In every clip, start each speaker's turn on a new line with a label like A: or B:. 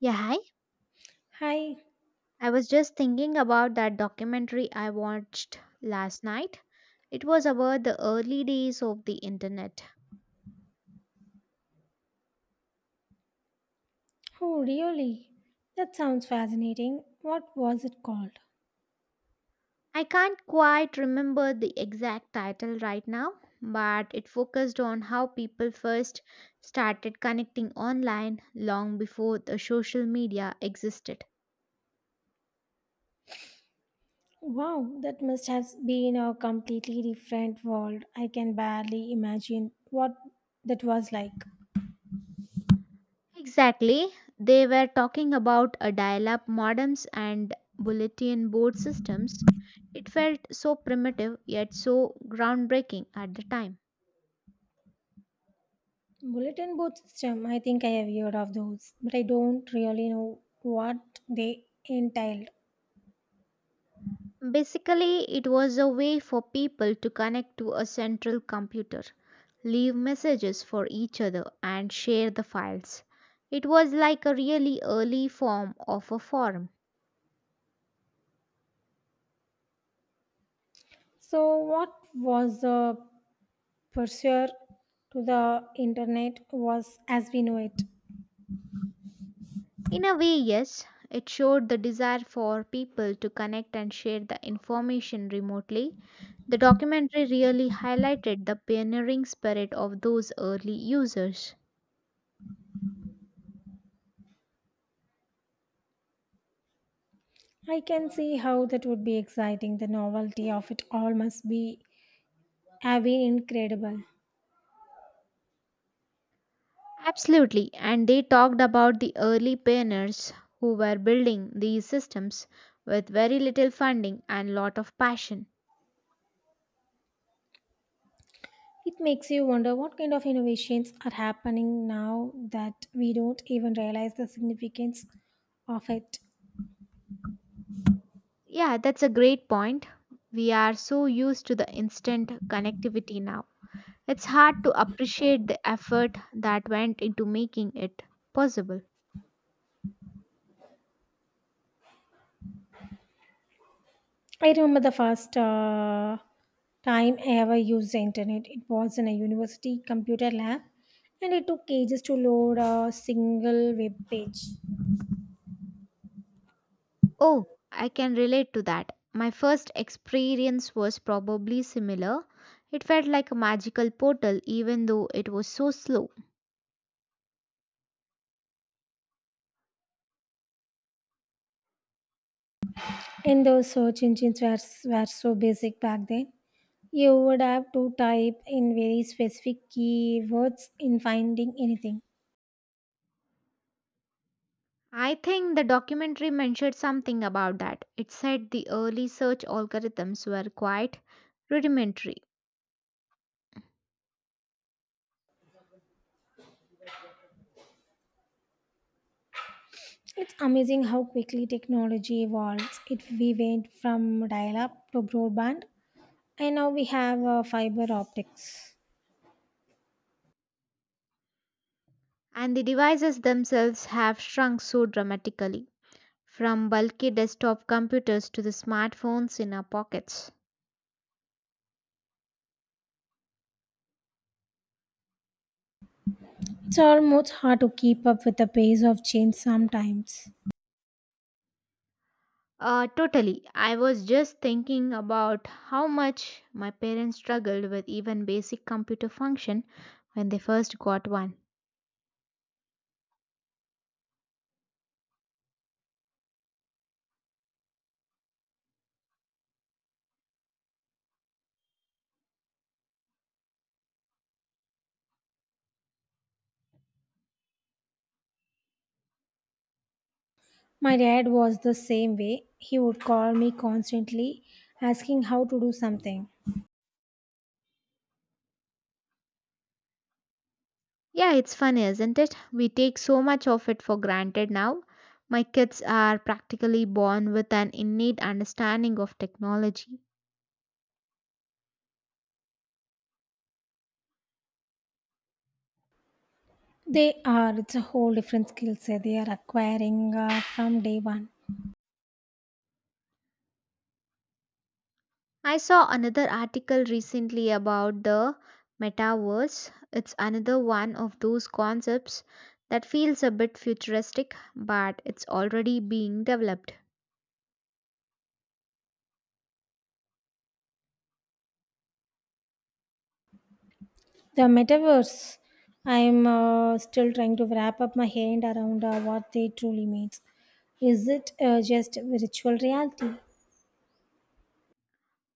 A: Yeah, hi.
B: Hi.
A: I was just thinking about that documentary I watched last night. It was about the early days of the internet.
B: Oh, really? That sounds fascinating. What was it called?
A: I can't quite remember the exact title right now, but it focused on how people first started connecting online long before the social media existed.
B: Wow, that must have been a completely different world. I can barely imagine what that was like.
A: Exactly. They were talking about a dial up modems and bulletin board systems. It felt so primitive yet so groundbreaking at the time.
B: Bulletin board system, I think I have heard of those, but I don't really know what they entailed.
A: Basically, it was a way for people to connect to a central computer, leave messages for each other, and share the files. It was like a really early form of a forum.
B: So, what was the pursuer to the internet was as we know it?
A: In a way, yes, it showed the desire for people to connect and share the information remotely. The documentary really highlighted the pioneering spirit of those early users.
B: I can see how that would be exciting. The novelty of it all must be have been incredible.
A: Absolutely, and they talked about the early pioneers who were building these systems with very little funding and lot of passion.
B: It makes you wonder what kind of innovations are happening now that we don't even realize the significance of it.
A: Yeah, that's a great point. We are so used to the instant connectivity now. It's hard to appreciate the effort that went into making it possible.
B: I remember the first time I ever used the internet. It was in a university computer lab, and it took ages to load a single web page.
A: Oh, I can relate to that. My first experience was probably similar. It felt like a magical portal, even though it was so slow.
B: And those search engines were so basic back then. You would have to type in very specific keywords in finding anything.
A: I think the documentary mentioned something about that. It said the early search algorithms were quite rudimentary,
B: It's amazing how quickly technology evolves. It we went from dial-up to broadband, and now we have fiber optics.
A: and the devices themselves have shrunk so dramatically from bulky desktop computers to the smartphones in our pockets.
B: It's almost hard to keep up with the pace of change sometimes.
A: Totally. I was just thinking about how much my parents struggled with even basic computer function when they first got one.
B: My dad was the same way. He would call me constantly, asking how to do something.
A: Yeah, it's funny, isn't it? We take so much of it for granted now. My kids are practically born with an innate understanding of technology.
B: They are. It's a whole different skill set they are acquiring from day one.
A: I saw another article recently about the metaverse. It's another one of those concepts that feels a bit futuristic, but it's already being developed.
B: The metaverse. I'm still trying to wrap up my hand around what they truly means. Is it just virtual reality?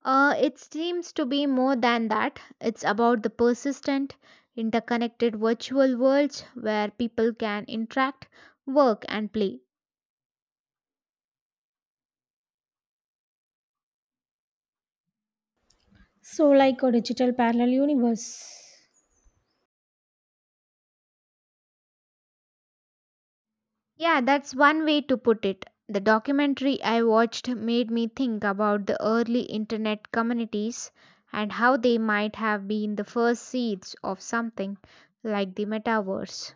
A: It seems to be more than that. It's about the persistent, interconnected virtual worlds where people can interact, work, and play.
B: So, like a digital parallel universe.
A: Yeah, that's one way to put it. The documentary I watched made me think about the early internet communities and how they might have been the first seeds of something like the metaverse.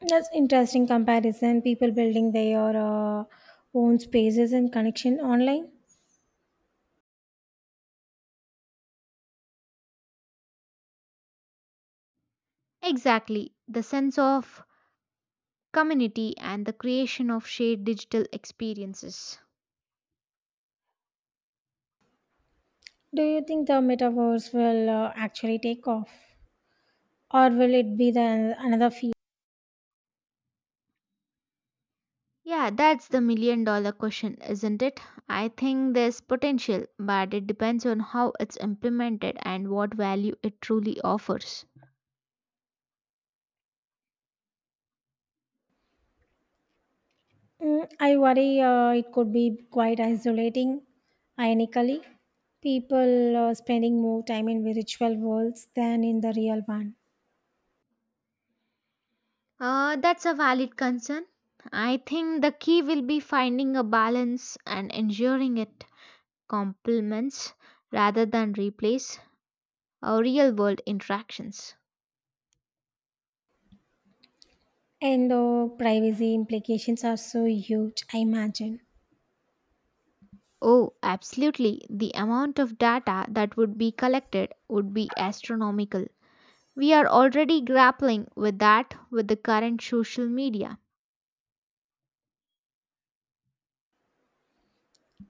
B: That's interesting comparison. People building their own spaces and connection online.
A: Exactly, the sense of community and the creation of shared digital experiences.
B: Do you think the metaverse will actually take off, or will it be the another field?
A: Yeah, that's the million dollar question, isn't it? I think there's potential, but it depends on how it's implemented and what value it truly offers.
B: Mm, I worry it could be quite isolating. Ironically, people spending more time in virtual worlds than in the real one.
A: That's a valid concern. I think the key will be finding a balance and ensuring it complements rather than replace our real world interactions.
B: And the privacy implications are so huge, I imagine.
A: Oh, absolutely. The amount of data that would be collected would be astronomical. We are already grappling with that with the current social media.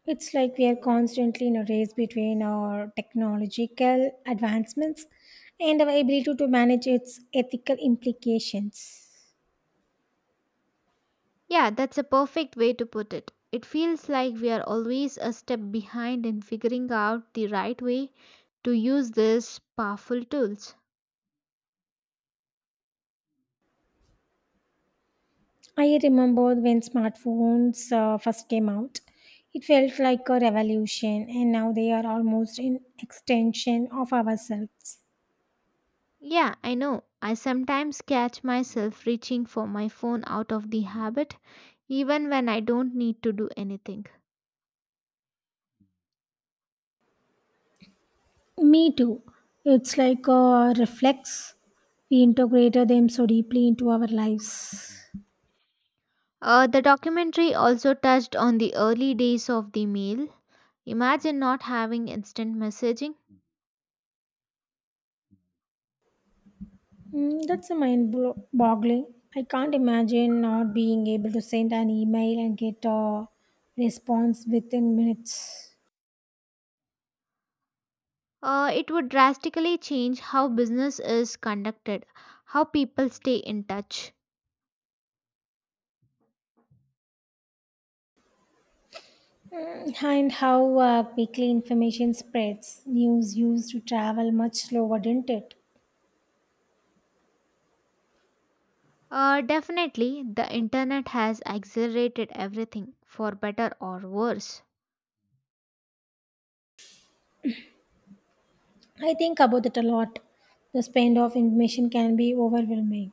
B: It's like we are constantly in a race between our technological advancements and our ability to manage its ethical implications.
A: Yeah, that's a perfect way to put it. It feels like we are always a step behind in figuring out the right way to use these powerful tools.
B: I remember when smartphones first came out, it felt like a revolution, and now they are almost an extension of ourselves.
A: Yeah, I know. I sometimes catch myself reaching for my phone out of the habit, even when I don't need to do anything.
B: Me too. It's like a reflex. We integrated them so deeply into our lives.
A: The documentary also touched on the early days of the mail. Imagine not having instant messaging.
B: Mm, that's a boggling. I can't imagine not being able to send an email and get a response within minutes.
A: It would drastically change how business is conducted, how people stay in touch.
B: Mm, and how quickly information spreads. News used to travel much slower, didn't it?
A: Definitely, the internet has accelerated everything, for better or worse.
B: I think about it a lot. The spend of information can be overwhelming.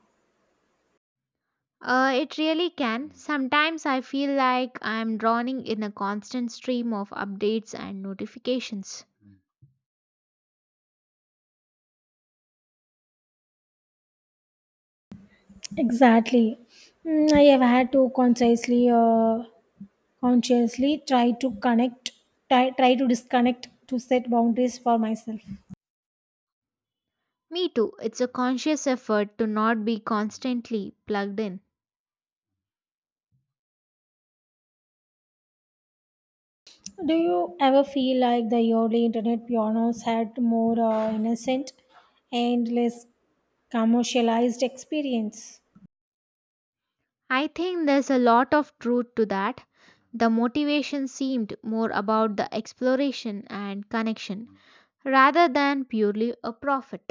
A: It really can. Sometimes I feel like I'm drowning in a constant stream of updates and notifications.
B: Exactly. Mm, I have had to consciously try to connect, try to disconnect to set boundaries for myself.
A: Me too, it's a conscious effort to not be constantly plugged in.
B: Do you ever feel like the early internet pianos had more innocent and less commercialized experience?
A: I think there's a lot of truth to that. The motivation seemed more about the exploration and connection rather than purely a profit.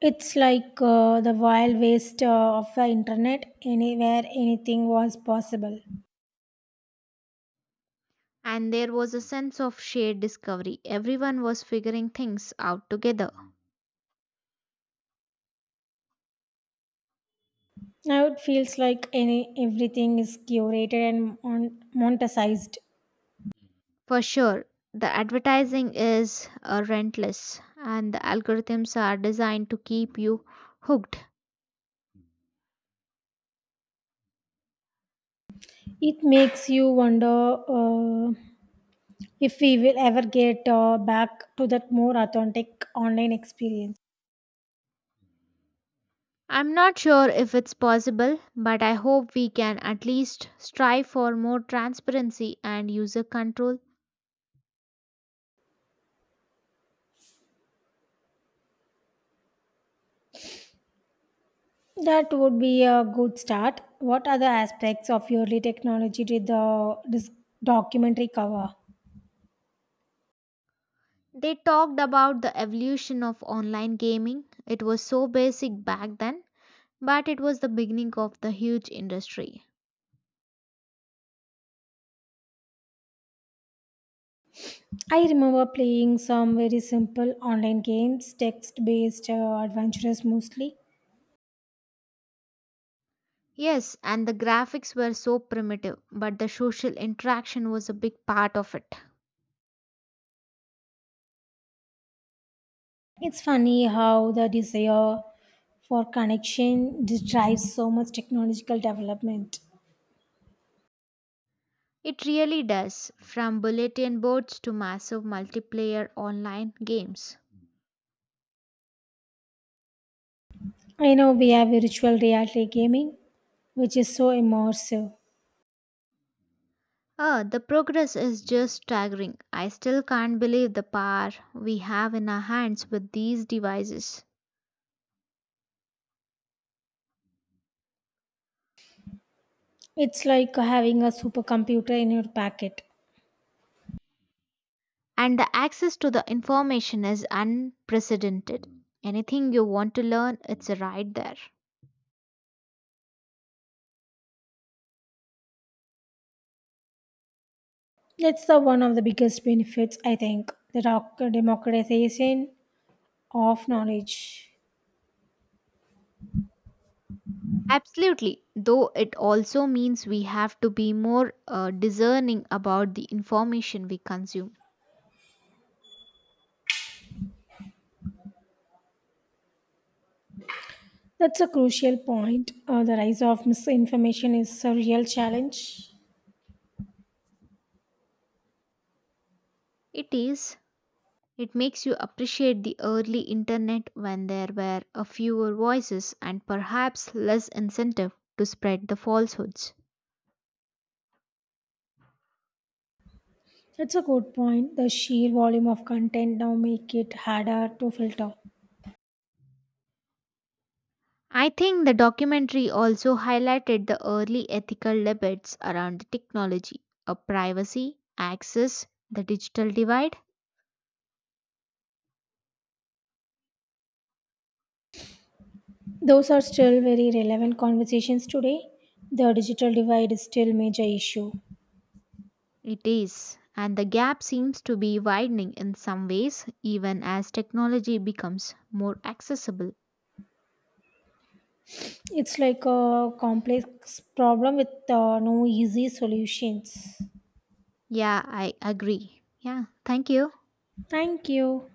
B: It's like the wild west of the internet, anywhere anything was possible.
A: And there was a sense of shared discovery. Everyone was figuring things out together.
B: Now it feels like any everything is curated and monetized.
A: For sure, the advertising is rentless, and the algorithms are designed to keep you hooked.
B: It makes you wonder if we will ever get back to that more authentic online experience.
A: I'm not sure if it's possible, but I hope we can at least strive for more transparency and user control.
B: That would be a good start. What other aspects of early technology did the this documentary cover?
A: They talked about the evolution of online gaming. It was so basic back then, but it was the beginning of the huge industry.
B: I remember playing some very simple online games, text based, adventurous mostly.
A: Yes, and the graphics were so primitive, but the social interaction was a big part of it.
B: It's funny how the desire for connection drives so much technological development.
A: It really does, from bulletin boards to massive multiplayer online games.
B: I know we have virtual reality gaming, which is so immersive.
A: Ah, the progress is just staggering. I still can't believe the power we have in our hands with these devices.
B: It's like having a supercomputer in your pocket.
A: And the access to the information is unprecedented. Anything you want to learn, it's right there.
B: That's the one of the biggest benefits, I think, the democratization of knowledge.
A: Absolutely, though it also means we have to be more discerning about the information we consume.
B: That's a crucial point. The rise of misinformation is a real challenge.
A: It is. It makes you appreciate the early internet when there were a fewer voices and perhaps less incentive to spread the falsehoods.
B: That's a good point. The sheer volume of content now make it harder to filter.
A: I think the documentary also highlighted the early ethical debates around the technology, of privacy, access, the digital divide.
B: Those are still very relevant conversations today. The digital divide is still major issue.
A: It is, and the gap seems to be widening in some ways even as technology becomes more accessible.
B: It's like a complex problem with no easy solutions.
A: Yeah, I agree. Yeah, thank you.
B: Thank you.